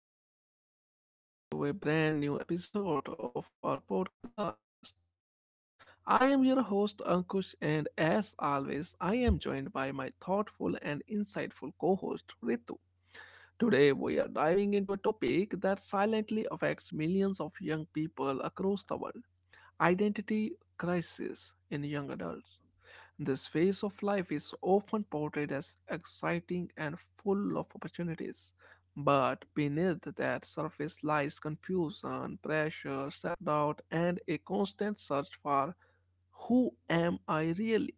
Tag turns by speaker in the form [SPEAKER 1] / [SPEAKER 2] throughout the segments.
[SPEAKER 1] and welcome to a brand new episode of our podcast. I am your host Ankush, and as always, I am joined by my thoughtful and insightful co host Ritu. Today, we are diving into a topic that silently affects millions of young people across the world identity crisis in young adults. This phase of life is often portrayed as exciting and full of opportunities, but beneath that surface lies confusion, pressure, self doubt, and a constant search for who am I really?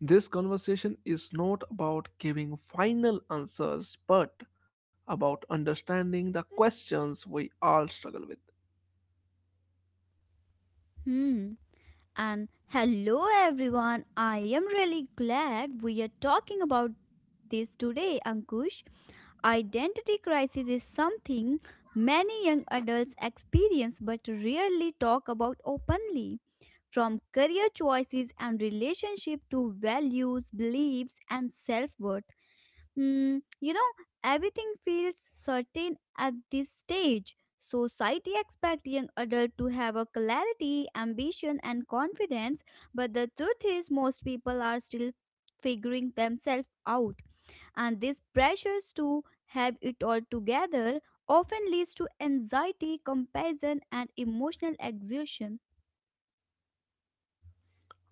[SPEAKER 1] This conversation is not about giving final answers, but about understanding the questions we all struggle with.
[SPEAKER 2] Hmm. And hello, everyone. I am really glad we are talking about this today, Ankush. Identity crisis is something many young adults experience but rarely talk about openly. From career choices and relationship to values, beliefs, and self worth, Hmm, you know, everything feels certain at this stage. Society expects young adults to have a clarity, ambition, and confidence, but the truth is, most people are still figuring themselves out. And these pressures to have it all together often leads to anxiety, comparison, and emotional exhaustion.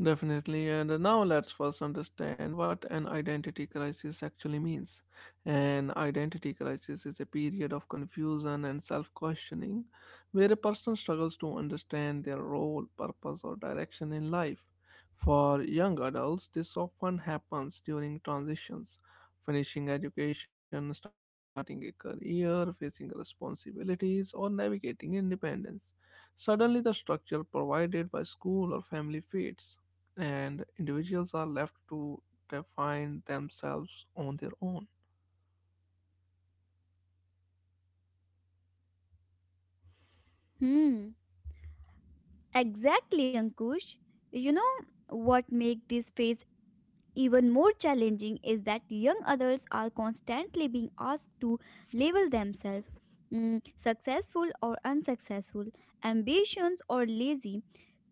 [SPEAKER 1] Definitely, and now let's first understand what an identity crisis actually means. An identity crisis is a period of confusion and self questioning where a person struggles to understand their role, purpose, or direction in life. For young adults, this often happens during transitions, finishing education, starting a career, facing responsibilities, or navigating independence. Suddenly, the structure provided by school or family fades and individuals are left to define themselves on their own.
[SPEAKER 2] Hmm, exactly, Ankush. You know what makes this phase even more challenging is that young adults are constantly being asked to label themselves successful or unsuccessful, ambitions or lazy,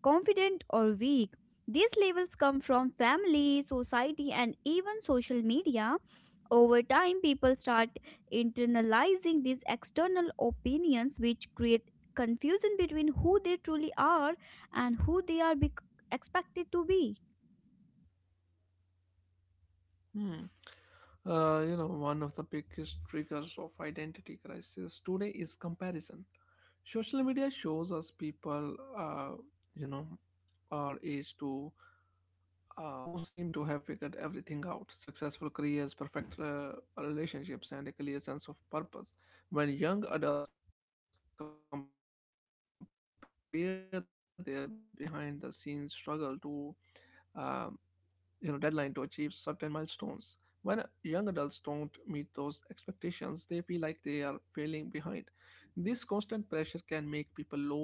[SPEAKER 2] confident or weak. These labels come from family, society, and even social media. Over time, people start internalizing these external opinions, which create confusion between who they truly are and who they are bec expected to be.
[SPEAKER 1] Hmm. One of the biggest triggers of identity crisis today is comparison. Social media shows us people, you know, our age to who seem to have figured everything out, successful careers, perfect relationships, and a clear sense of purpose. When young adults compare their behind the scenes struggle to um, deadline to achieve certain milestones, when young adults don't meet those expectations, they feel like they are failing behind. This constant pressure can make people lost,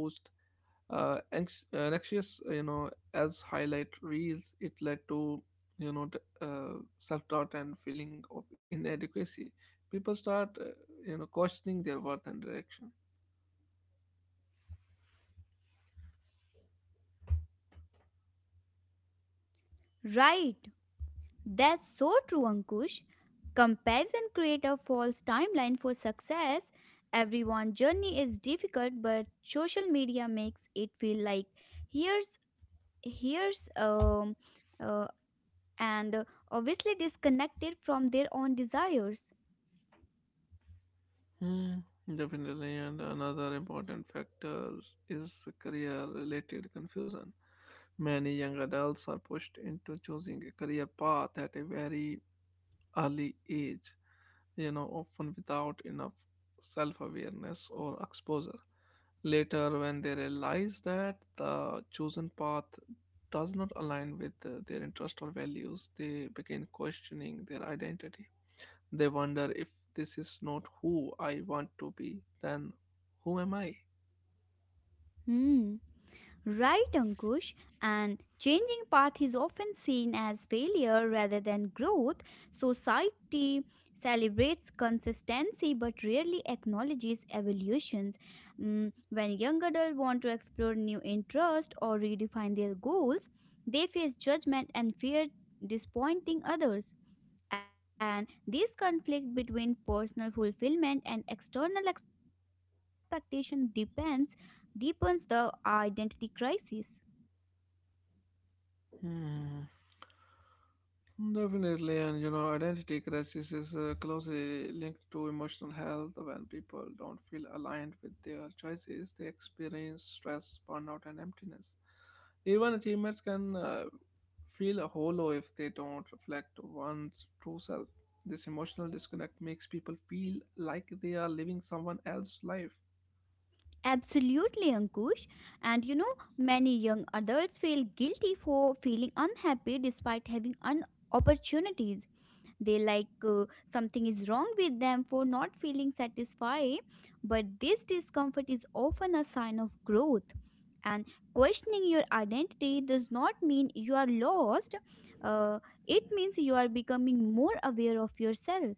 [SPEAKER 1] anxious, as highlight reels it led to self-doubt and feeling of inadequacy. People start questioning their worth and direction.
[SPEAKER 2] Right. That's so true, Ankush. Comparison create a false timeline for success. Everyone's journey is difficult, but social media makes it feel like here's here's uh, and obviously disconnected from their own desires.
[SPEAKER 1] Mm, definitely, and another important factor is career-related confusion. Many young adults are pushed into choosing a career path at a very early age, you know, often without enough self-awareness or exposure. Later, when they realize that the chosen path does not align with their interest or values, they begin questioning their identity. They wonder if this is not who I want to be, then who am I?
[SPEAKER 2] Hmm. Right, Ankush, and changing path is often seen as failure rather than growth. Society celebrates consistency but rarely acknowledges evolutions. When young adults want to explore new interests or redefine their goals, they face judgment and fear disappointing others. And this conflict between personal fulfillment and external expectation depends deepens the identity crisis.
[SPEAKER 1] Hmm. Definitely, and you know, identity crisis is closely linked to emotional health. When people don't feel aligned with their choices, they experience stress, burnout, and emptiness. Even achievements can feel hollow if they don't reflect one's true self. This emotional disconnect makes people feel like they are living someone else's life.
[SPEAKER 2] Absolutely, Ankush. And you know, many young adults feel guilty for feeling unhappy despite having opportunities. They like something is wrong with them for not feeling satisfied, but this discomfort is often a sign of growth. And questioning your identity does not mean you are lost, uh, it means you are becoming more aware of yourself.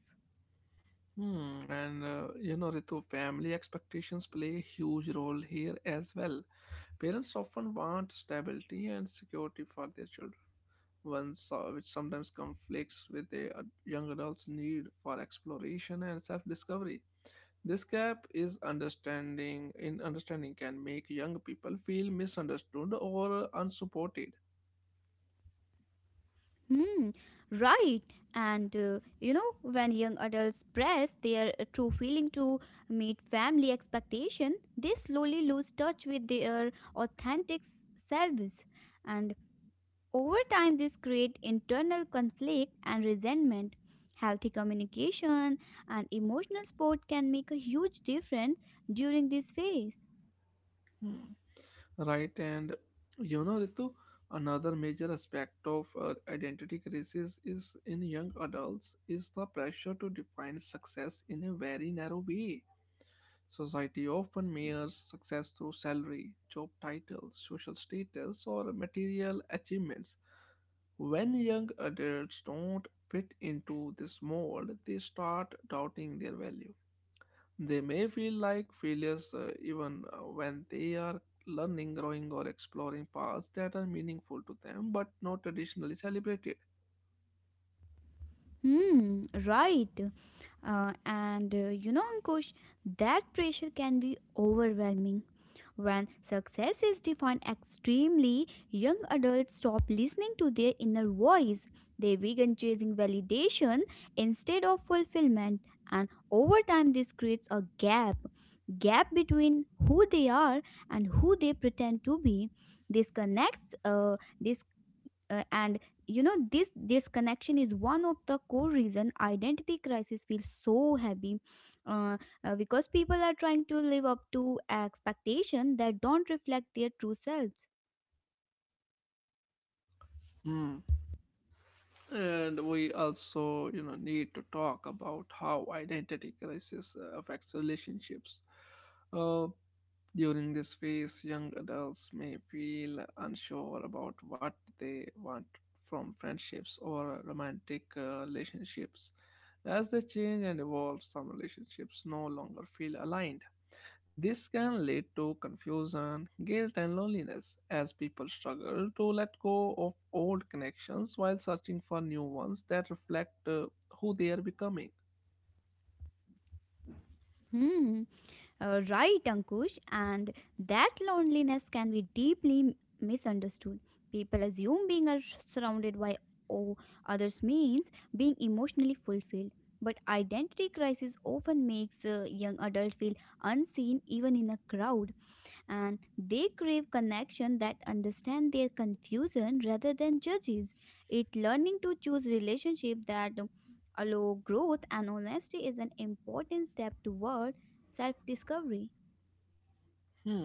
[SPEAKER 1] Hmm, and you know, Ritu, family expectations play a huge role here as well. Parents often want stability and security for their children, once which sometimes conflicts with the young adults' need for exploration and self-discovery. This gap is understanding in understanding can make young people feel misunderstood or unsupported.
[SPEAKER 2] Hmm, right. And when young adults press their true feeling to meet family expectation, they slowly lose touch with their authentic selves. And over time, this create internal conflict and resentment. Healthy communication and emotional support can make a huge difference during this phase.
[SPEAKER 1] Right, and you know, Ritu, another major aspect of identity crisis is in young adults is the pressure to define success in a very narrow way. Society often measures success through salary, job title, social status, or material achievements. When young adults don't fit into this mold, they start doubting their value. They may feel like failures, even when they are learning, growing, or exploring paths that are meaningful to them but not traditionally celebrated.
[SPEAKER 2] Hmm, right. And Ankush, that pressure can be overwhelming. When success is defined extremely, young adults stop listening to their inner voice. They begin chasing validation instead of fulfillment, and over time, this creates a gap between who they are and who they pretend to be. This connects. This and you know this disconnection is one of the core reason identity crisis feels so heavy, uh, because people are trying to live up to expectation that don't reflect their true selves.
[SPEAKER 1] Hmm. And we also, you know, need to talk about how identity crisis affects relationships. Uh, During this phase, young adults may feel unsure about what they want from friendships or romantic relationships. As they change and evolve, some relationships no longer feel aligned. This can lead to confusion, guilt, and loneliness as people struggle to let go of old connections while searching for new ones that reflect who they are becoming.
[SPEAKER 2] Hmm. Right, Ankush, and that loneliness can be deeply misunderstood. People assume being surrounded by o- others means being emotionally fulfilled, but identity crisis often makes a young adult feel unseen even in a crowd. And they crave connection that understand their confusion rather than judges it. Learning to choose relationship that allow growth and honesty is an important step toward self discovery.
[SPEAKER 1] Hmm.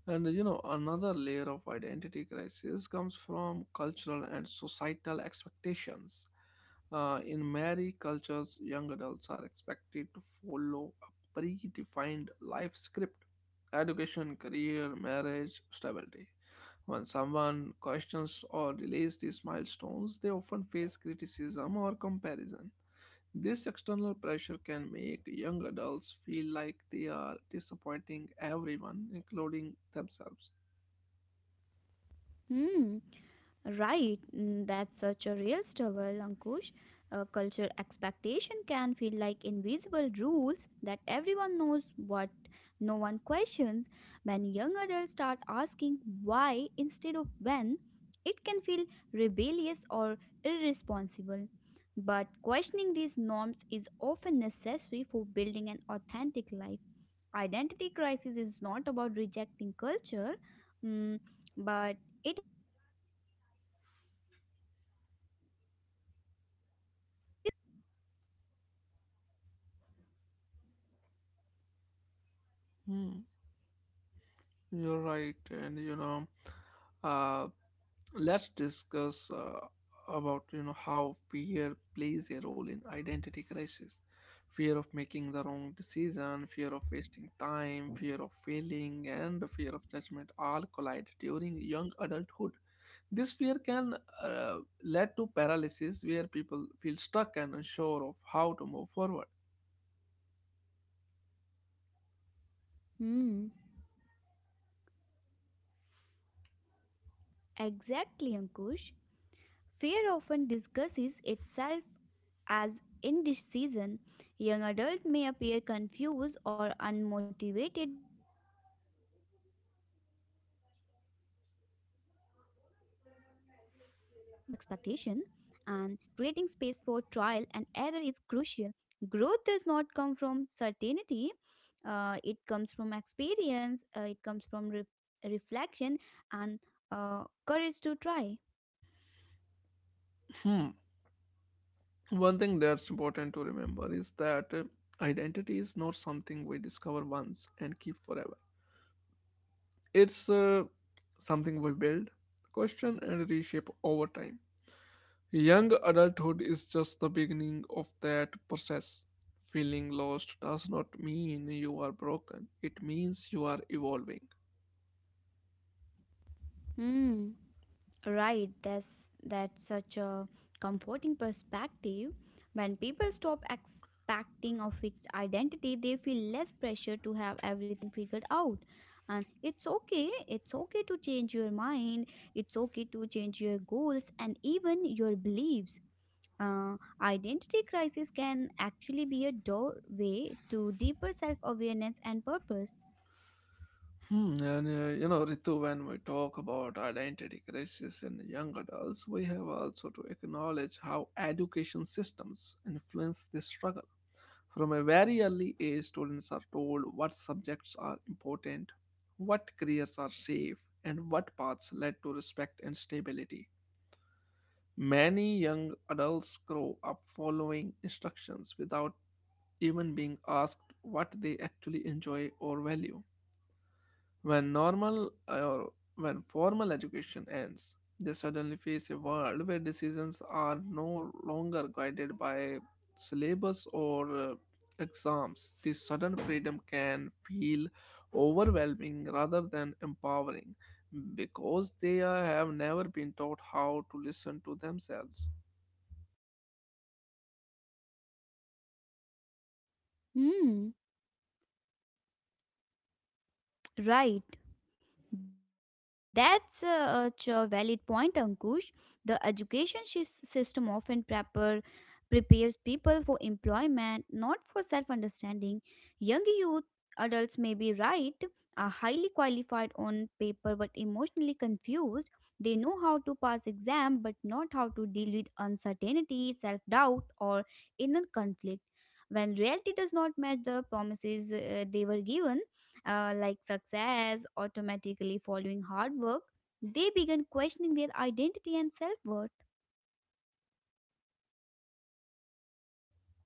[SPEAKER 1] And you know, another layer of identity crisis comes from cultural and societal expectations. In many cultures, young adults are expected to follow a predefined life script, education, career, marriage, stability. When someone questions or delays these milestones, they often face criticism or comparison. This external pressure can make young adults feel like they are disappointing everyone, including themselves.
[SPEAKER 2] Hmm. Right, that's such a real struggle, Ankush. Cultural expectation can feel like invisible rules that everyone knows but no one questions. When young adults start asking why instead of when, it can feel rebellious or irresponsible. But questioning these norms is often necessary for building an authentic life. Identity crisis is not about rejecting culture, mm, but it is about finding a balance between tradition and personal truth.
[SPEAKER 1] Hmm. You're right, and you know, uh, let's discuss about you know how fear plays a role in identity crisis. Fear of making the wrong decision, fear of wasting time, fear of failing, and fear of judgment all collide during young adulthood. This fear can lead to paralysis where people feel stuck and unsure of how to move forward.
[SPEAKER 2] Hmm. Exactly, Ankush. Fear often disguises itself as in this season. Young adults may appear confused or unmotivated, but internally they are overwhelmed by the weight of expectation. And creating space for trial and error is crucial. Growth does not come from certainty, it comes from experience, it comes from reflection and courage to try.
[SPEAKER 1] Hmm. One thing that's important to remember is that identity is not something we discover once and keep forever. It's something we build, question, and reshape over time. Young adulthood is just the beginning of that process. Feeling lost does not mean you are broken, it means you are evolving.
[SPEAKER 2] Hmm. Right, that's such a comforting perspective. When people stop expecting a fixed identity, they feel less pressure to have everything figured out. And it's okay to change your mind, it's okay to change your goals and even your beliefs. Identity crisis can actually be a doorway to deeper self awareness and purpose.
[SPEAKER 1] Hmm, and you know, Ritu, when we talk about identity crisis in young adults, we have also to acknowledge how education systems influence this struggle. From a very early age, students are told what subjects are important, what careers are safe, and what paths lead to respect and stability. Many young adults grow up following instructions without even being asked what they actually enjoy or value. When normal or when formal education ends, they suddenly face a world where decisions are no longer guided by syllabus or exams. This sudden freedom can feel overwhelming rather than empowering, because they have never been taught how to listen to themselves.
[SPEAKER 2] Hmm, right. That's such a valid point, Ankush. The education system often prepper prepares people for employment, not for self understanding. Young youth, Adults may be right, are highly qualified on paper but emotionally confused. They know how to pass exam but not how to deal with uncertainty, self doubt, or inner conflict. When reality does not match the promises they were given, like success automatically following hard work, they begin questioning their identity and self worth.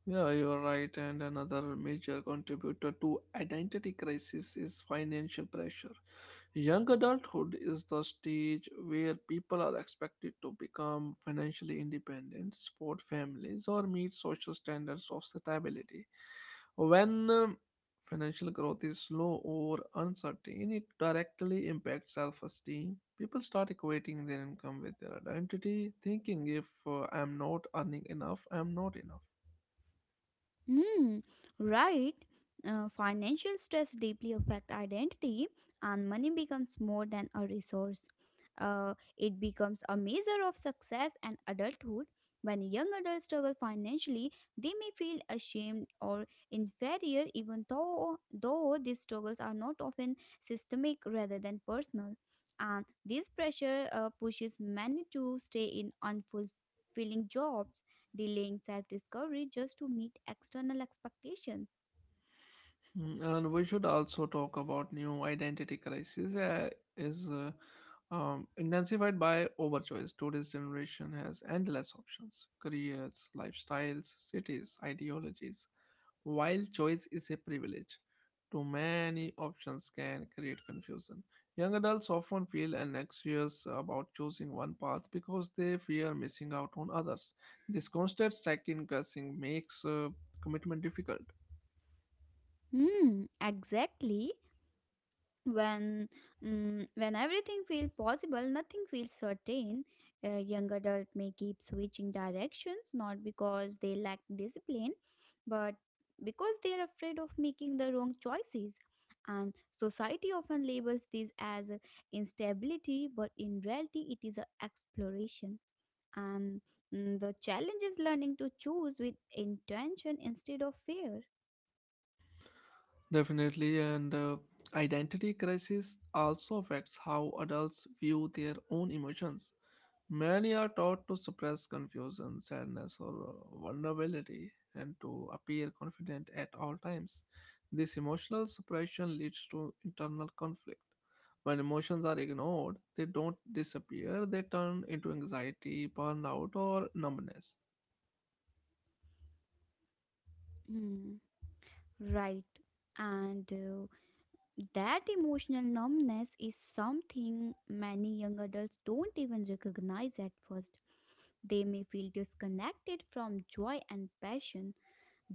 [SPEAKER 1] Yeah, you are right. And another major contributor to identity crisis is financial pressure. Young adulthood is the stage where people are expected to become financially independent, support families, or meet social standards of stability. When financial growth is slow or uncertain, it directly impacts self esteem. People start equating their income with their identity, thinking if I'm not earning enough, I'm not enough.
[SPEAKER 2] Hmm, right. Financial stress deeply affect identity, and money becomes more than a resource. It becomes a measure of success and adulthood. When young adults struggle financially, they may feel ashamed or inferior, even though these struggles are not often systemic rather than personal. And this pressure pushes many to stay in unfulfilling jobs delaying self discovery just to meet external expectations.
[SPEAKER 1] Mm, and we should also talk about new identity crisis is intensified by overchoice. Today's generation has endless options, careers, lifestyles, cities, ideologies. While choice is a privilege, too many options can create confusion. Young adults often feel anxious about choosing one path because they fear missing out on others. This constant second guessing makes commitment difficult.
[SPEAKER 2] Hmm, exactly. When when everything feels possible, nothing feels certain. A young adult may keep switching directions not because they lack discipline, but because they are afraid of making the wrong choices. And society often labels this as a instability, but in reality, it is a exploration. And the challenge is learning to choose with intention instead of fear.
[SPEAKER 1] Definitely, and identity crisis also affects how adults view their own emotions. Many are taught to suppress confusion, sadness, or vulnerability, and to appear confident at all times. This emotional suppression leads to internal conflict. When emotions are ignored, they don't disappear, they turn into anxiety, burnout, or numbness.
[SPEAKER 2] Hmm, right. And that emotional numbness is something many young adults don't even recognize at first. They may feel disconnected from joy and passion,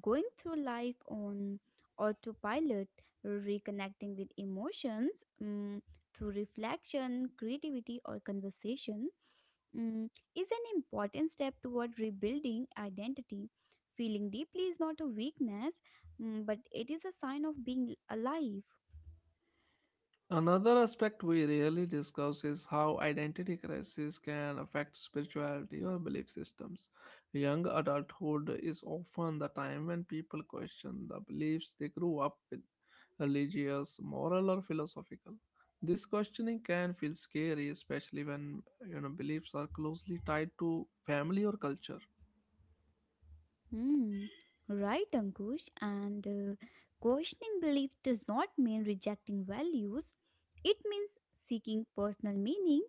[SPEAKER 2] going through life on autopilot, reconnecting with emotions through reflection, creativity, or conversation mm, is an important step toward rebuilding identity. Feeling deeply is not a weakness, but it is a sign of being alive.
[SPEAKER 1] Another aspect we rarely discuss is how identity crisis can affect spirituality or belief systems. Young adulthood is often the time when people question the beliefs they grew up with, religious, moral, or philosophical. This questioning can feel scary, especially when you know beliefs are closely tied to family or culture.
[SPEAKER 2] Hmm, right, Ankush. And questioning belief does not mean rejecting values, it means seeking personal meaning.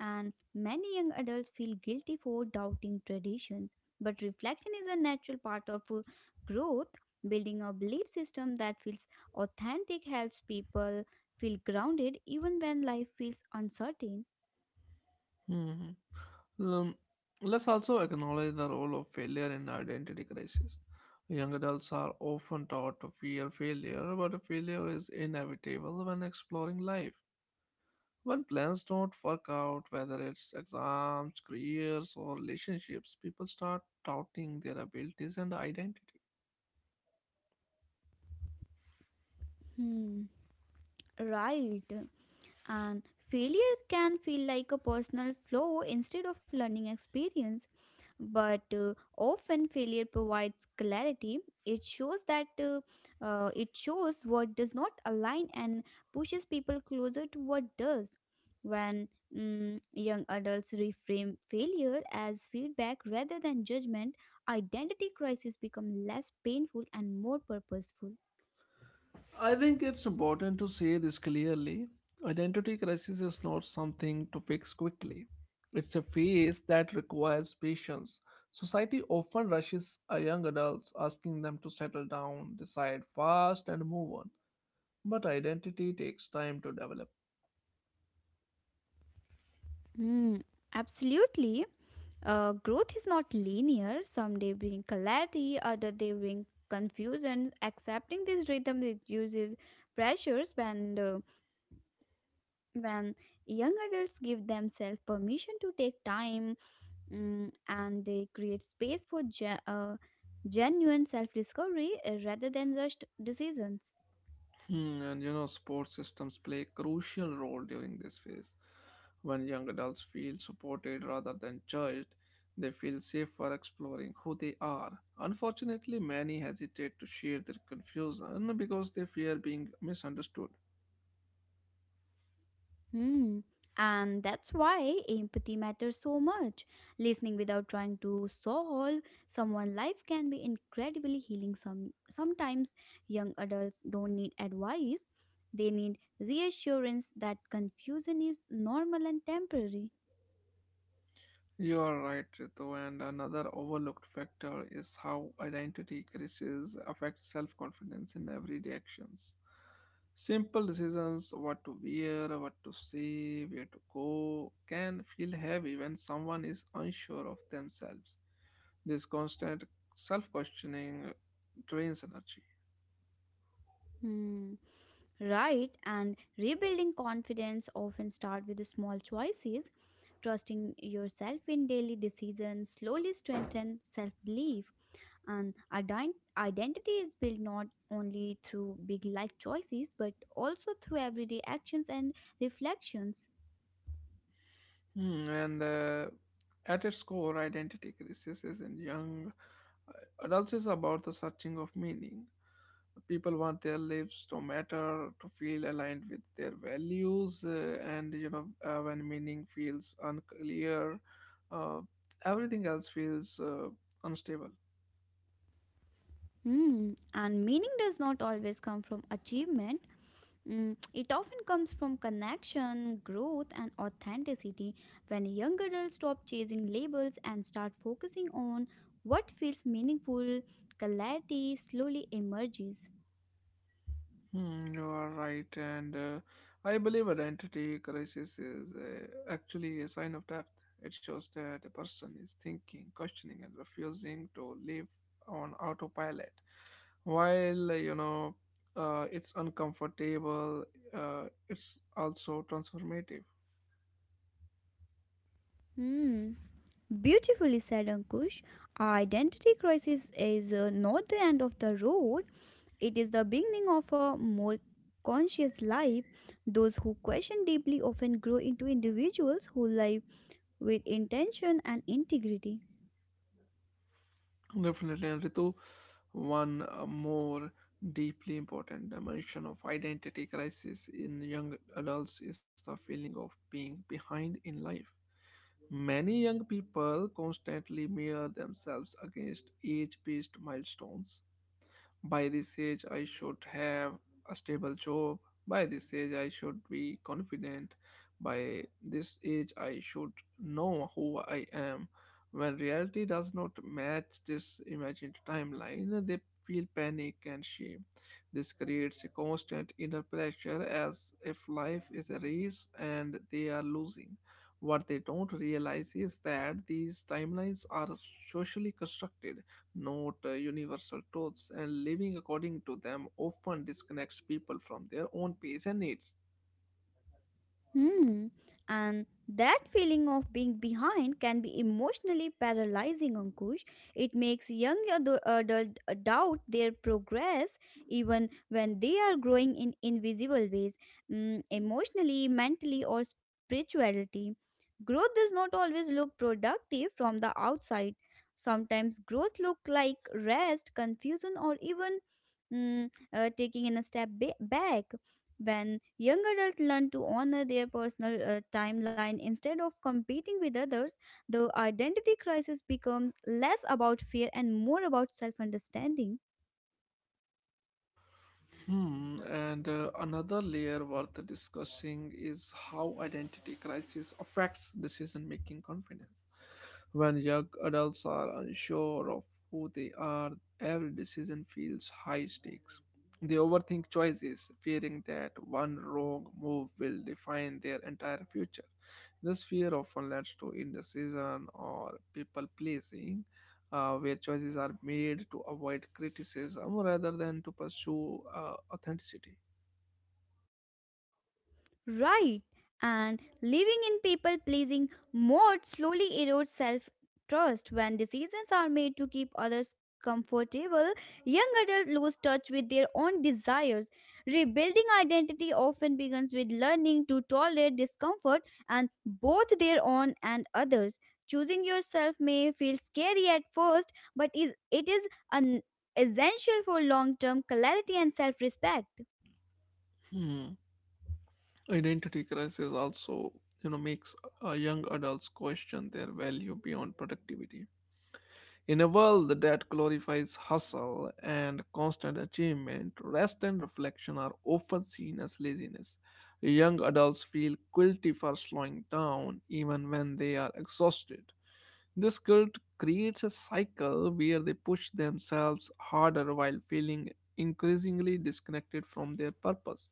[SPEAKER 2] And many young adults feel guilty for doubting traditions. But reflection is a natural part of growth. Building a belief system that feels authentic helps people feel grounded even when life feels uncertain.
[SPEAKER 1] Mhm. Um, let's also acknowledge the role of failure in identity crisis. Young adults are often taught to fear failure, but failure is inevitable when exploring life. When plans don't work out, whether it's exams, careers, or relationships, people start doubting their abilities and identity.
[SPEAKER 2] Hmm, right. And failure can feel like a personal flaw instead of learning experience, but often failure provides clarity. It shows that uh, uh, it shows what does not align and pushes people closer to what does. When young adults reframe failure as feedback rather than judgment, identity crises become less painful and more purposeful.
[SPEAKER 1] I think it's important to say this clearly. Identity crisis is not something to fix quickly. It's a phase that requires patience. Society often rushes young adults, asking them to settle down, decide fast, and move on. But identity takes time to develop.
[SPEAKER 2] Hmm, absolutely. Growth is not linear. Some day bring clarity, other day bring confusion. Accepting this rhythm reduces pressures when when young adults give themselves permission to take time, and they create space for genuine self-discovery rather than just decisions.
[SPEAKER 1] Hmm, and you know, support systems play a crucial role during this phase. When young adults feel supported rather than judged, they feel safer exploring who they are. Unfortunately, many hesitate to share their confusion because they fear being misunderstood.
[SPEAKER 2] Hmm. And that's why empathy matters so much. Listening without trying to solve someone's life can be incredibly healing. Sometimes young adults don't need advice; they need reassurance that confusion is normal and temporary.
[SPEAKER 1] You are right, Ritu, and another overlooked factor is how identity crises affect self confidence in everyday actions. Simple decisions, what to wear, what to say, where to go, can feel heavy when someone is unsure of themselves. This constant self questioning drains energy.
[SPEAKER 2] Hmm. Right, and rebuilding confidence often start with the small choices. Trusting yourself in daily decisions slowly strengthen self-belief. And identity is built not only through big life choices but also through everyday actions and reflections.
[SPEAKER 1] Hmm, and at its core, identity crisis is in young adults is about the searching of meaning. People want their lives to matter, to feel aligned with their values, and you know when meaning feels unclear, uh, everything else feels unstable.
[SPEAKER 2] Hmm. And meaning does not always come from achievement. It often comes from connection, growth, and authenticity. When young adults stop chasing labels and start focusing on what feels meaningful, clarity slowly emerges.
[SPEAKER 1] Hmm, you are right, and I believe identity crisis is actually a sign of depth. It shows that a person is thinking, questioning, and refusing to live on autopilot. While it's uncomfortable, it's also transformative.
[SPEAKER 2] Hmm. Beautifully said, Ankush. Identity crisis is not the end of the road, it is the beginning of a more conscious life. Those who question deeply often grow into individuals who live with intention and integrity.
[SPEAKER 1] Definitely, and Ritu, one more deeply important dimension of identity crisis in young adults is the feeling of being behind in life. Many young people constantly mirror themselves against age based milestones. By this age, I should have a stable job. By this age, I should be confident. By this age, I should know who I am. When reality does not match this imagined timeline, they feel panic and shame. This creates a constant inner pressure as if life is a race and they are losing. What they don't realize is that these timelines are socially constructed, not universal truths, and living according to them often disconnects people from their own pace and needs.
[SPEAKER 2] Hmm. And that feeling of being behind can be emotionally paralyzing, Ankush. It makes young adult doubt their progress even when they are growing in invisible ways, emotionally, mentally, or spirituality. Growth does not always look productive from the outside. Sometimes growth look like rest, confusion, or even taking in a step back. When young adults learn to honor their personal timeline instead of competing with others, the identity crisis becomes less about fear and more about self understanding.
[SPEAKER 1] Hmm, and another layer worth discussing is how identity crisis affects decision making confidence. When young adults are unsure of who they are, every decision feels high stakes. They overthink choices, fearing that one wrong move will define their entire future. This fear often leads to indecision or people pleasing, where choices are made to avoid criticism rather than to pursue authenticity.
[SPEAKER 2] Right. And living in people pleasing mode slowly erodes self trust. When decisions are made to keep others comfortable, young adults lose touch with their own desires. Rebuilding identity often begins with learning to tolerate discomfort and both their own and others. Choosing yourself may feel scary at first, but it is an essential for long term clarity and self respect.
[SPEAKER 1] Hmm. Identity crisis also, you know, makes young adults question their value beyond productivity. In a world that glorifies hustle and constant achievement, rest and reflection are often seen as laziness. Young adults feel guilty for slowing down even when they are exhausted. This guilt creates a cycle where they push themselves harder while feeling increasingly disconnected from their purpose.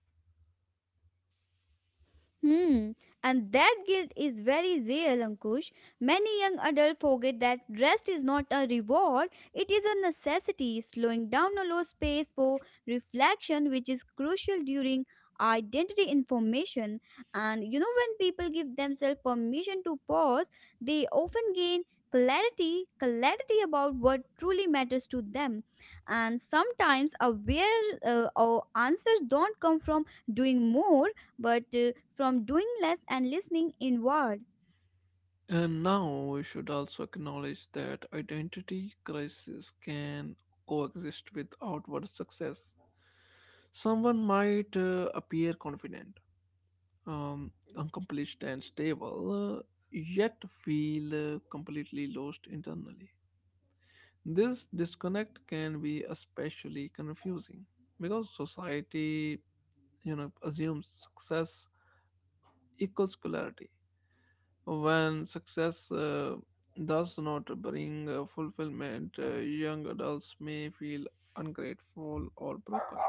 [SPEAKER 2] Hmm. And that guilt is very real, Ankush. Many young adults forget that rest is not a reward, it is a necessity. Slowing down allows space for reflection, which is crucial during identity information. And when people give themselves permission to pause, they often gain clarity about what truly matters to them, and sometimes aware or answers don't come from doing more but from doing less and listening inward.
[SPEAKER 1] And now we should also acknowledge that identity crisis can coexist with outward success. Someone might appear confident, accomplished, and stable, yet feel completely lost internally. This disconnect can be especially confusing because society, you know, assumes success equals clarity. When success does not bring fulfillment, young adults may feel ungrateful or broken.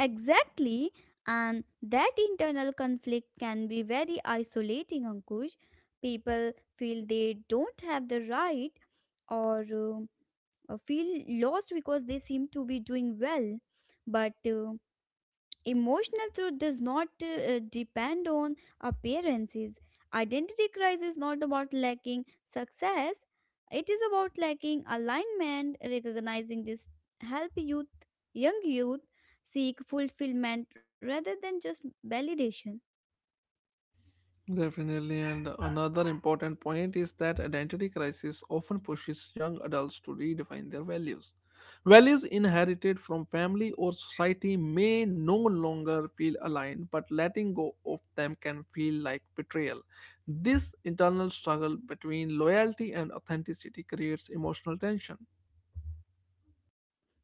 [SPEAKER 2] Exactly, and that internal conflict can be very isolating, Ankush. People feel they don't have the right or feel lost because they seem to be doing well. But emotional truth does not depend on appearances. Identity crisis is not about lacking success, it is about lacking alignment. Recognizing this help young youth seek fulfillment rather than just validation.
[SPEAKER 1] Definitely, and another important point is that identity crisis often pushes young adults to redefine their values. Values inherited from family or society may no longer feel aligned, but letting go of them can feel like betrayal. This internal struggle between loyalty and authenticity creates emotional tension.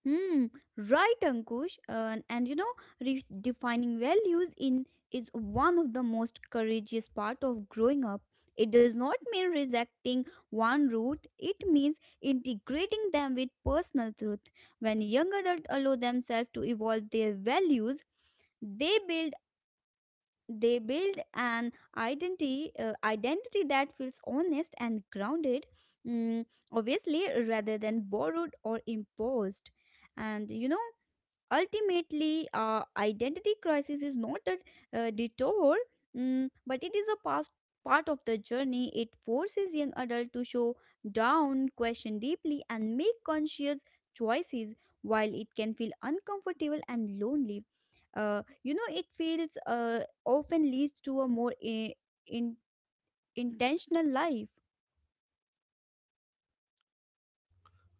[SPEAKER 2] Hmm, right, Ankush. And redefining values in is one of the most courageous part of growing up. It does not mean rejecting one route; it means integrating them with personal truth. When young adults allow themselves to evolve their values, they build they build an identity that feels honest and grounded. Mm, Obviously, rather than borrowed or imposed. And ultimately, identity crisis is not a detour, but it is a past part of the journey. It forces young adult to show down, question deeply, and make conscious choices. While it can feel uncomfortable and lonely, you know it feels often leads to a more in, intentional life.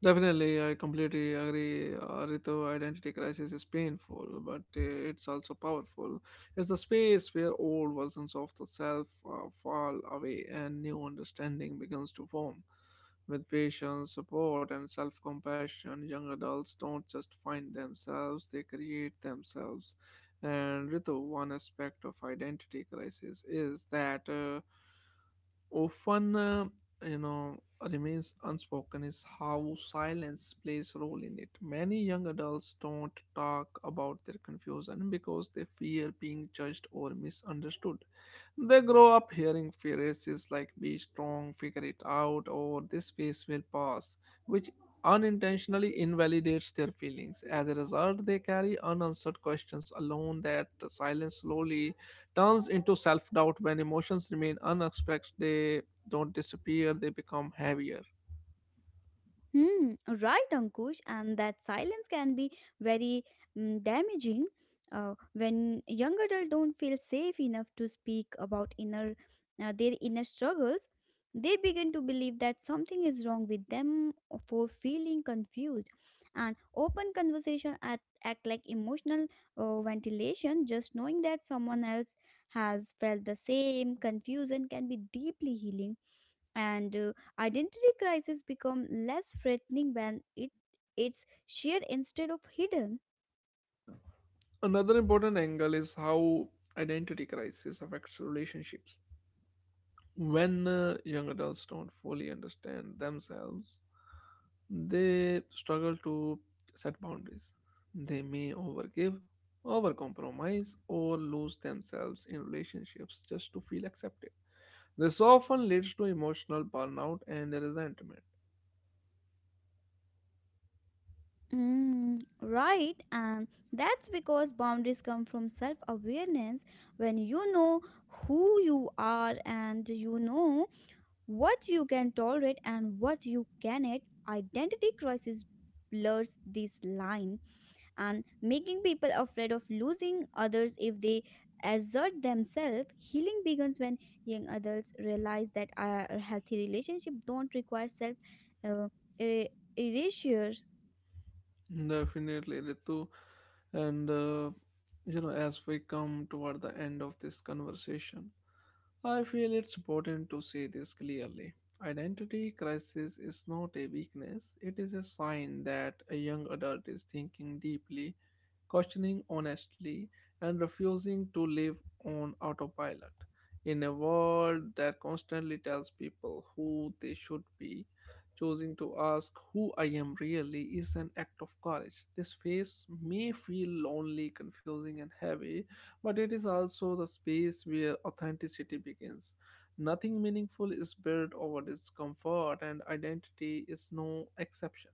[SPEAKER 1] Definitely, I completely agree. Ritu, identity crisis is painful, but it's also powerful. It's a space where old versions of the self fall away and new understanding begins to form. With patience, support, and self compassion, young adults don't just find themselves, they create themselves. And Ritu, one aspect of identity crisis is that often you know remains unspoken is how silence plays a role in it. Many young adults don't talk about their confusion because they fear being judged or misunderstood. They grow up hearing phrases like be strong, figure it out, or this phase will pass, which unintentionally invalidates their feelings. As a result, they carry unanswered questions alone. That silence slowly turns into self doubt. When emotions remain unexpressed, they don't disappear, they become heavier.
[SPEAKER 2] Hmm, right, Ankush, and that silence can be very damaging when young adults don't feel safe enough to speak about inner their inner struggles. They begin to believe that something is wrong with them for feeling confused, and open conversation act like emotional ventilation. Just knowing that someone else has felt the same confusion can be deeply healing. And identity crisis become less threatening when it's shared instead of hidden.
[SPEAKER 1] Another important angle is how identity crisis affects relationships. When young adults don't fully understand themselves, they struggle to set boundaries. They may overgive, overcompromise, or lose themselves in relationships just to feel accepted. This often leads to emotional burnout and resentment.
[SPEAKER 2] Mm, right, and that's because boundaries come from self awareness when you know who you are and you know what you can tolerate and what you cannot. Identity crisis blurs this line and making people afraid of losing others if they assert themselves. Healing begins when young adults realize that a healthy relationship don't require self uh, e- erasure.
[SPEAKER 1] Definitely, Ritu. And, you know, as we come toward the end of this conversation, I feel it's important to say this clearly. Identity crisis is not a weakness, it is a sign that a young adult is thinking deeply, questioning honestly, and refusing to live on autopilot. In a world that constantly tells people who they should be, choosing to ask who I am really is an act of courage. This phase may feel lonely, confusing, and heavy, but it is also the space where authenticity begins. Nothing meaningful is built over discomfort, and identity is no exception.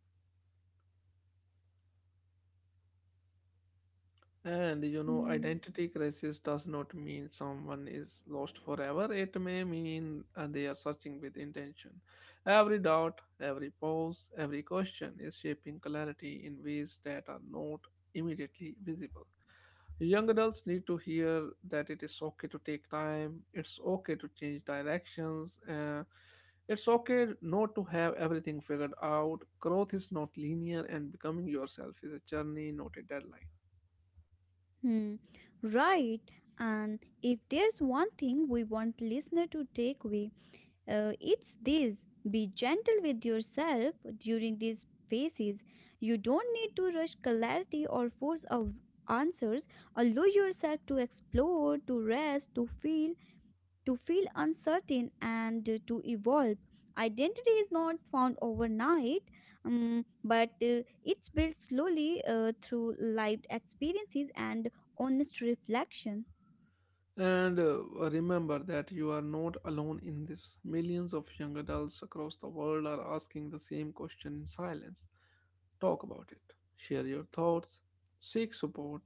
[SPEAKER 1] And you know,
[SPEAKER 2] Hmm.
[SPEAKER 1] identity crisis does not mean someone is lost forever. It may mean they are searching with intention. Every doubt, every pause, every question is shaping clarity in ways that are not immediately visible. Young adults need to hear that it is okay to take time, it's okay to change directions, it's okay not to have everything figured out. Growth is not linear, and becoming yourself is a journey, not a deadline.
[SPEAKER 2] Hmm. Right. And if there's one thing we want listener to take away, it's this: be gentle with yourself during these phases. You don't need to rush clarity or force of answers. Allow yourself to explore, to rest, to feel uncertain, and to evolve. Identity is not found overnight, but it's built slowly through lived experiences and honest reflection.
[SPEAKER 1] And remember that you are not alone in this. Millions of young adults across the world are asking the same question in silence. Talk about it. Share your thoughts. Seek support.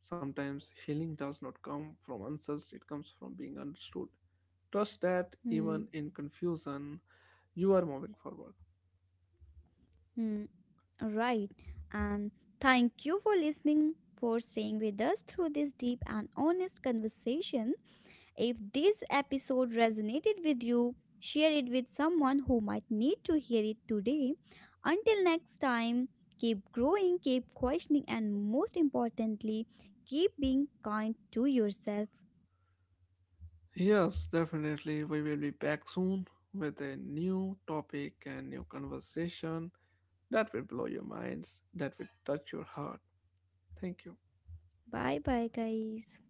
[SPEAKER 1] Sometimes healing does not come from answers, it comes from being understood. Trust that
[SPEAKER 2] Hmm.
[SPEAKER 1] even in confusion, you are moving forward.
[SPEAKER 2] Hmm. Right. And thank you for listening, for staying with us through this deep and honest conversation. If this episode resonated with you, share it with someone who might need to hear it today. Until next time, keep growing, keep questioning, and most importantly, keep being kind to yourself.
[SPEAKER 1] Yes, definitely. We will be back soon with a new topic and new conversation. That will blow your minds. That will touch your heart. Thank you.
[SPEAKER 2] Bye bye, guys.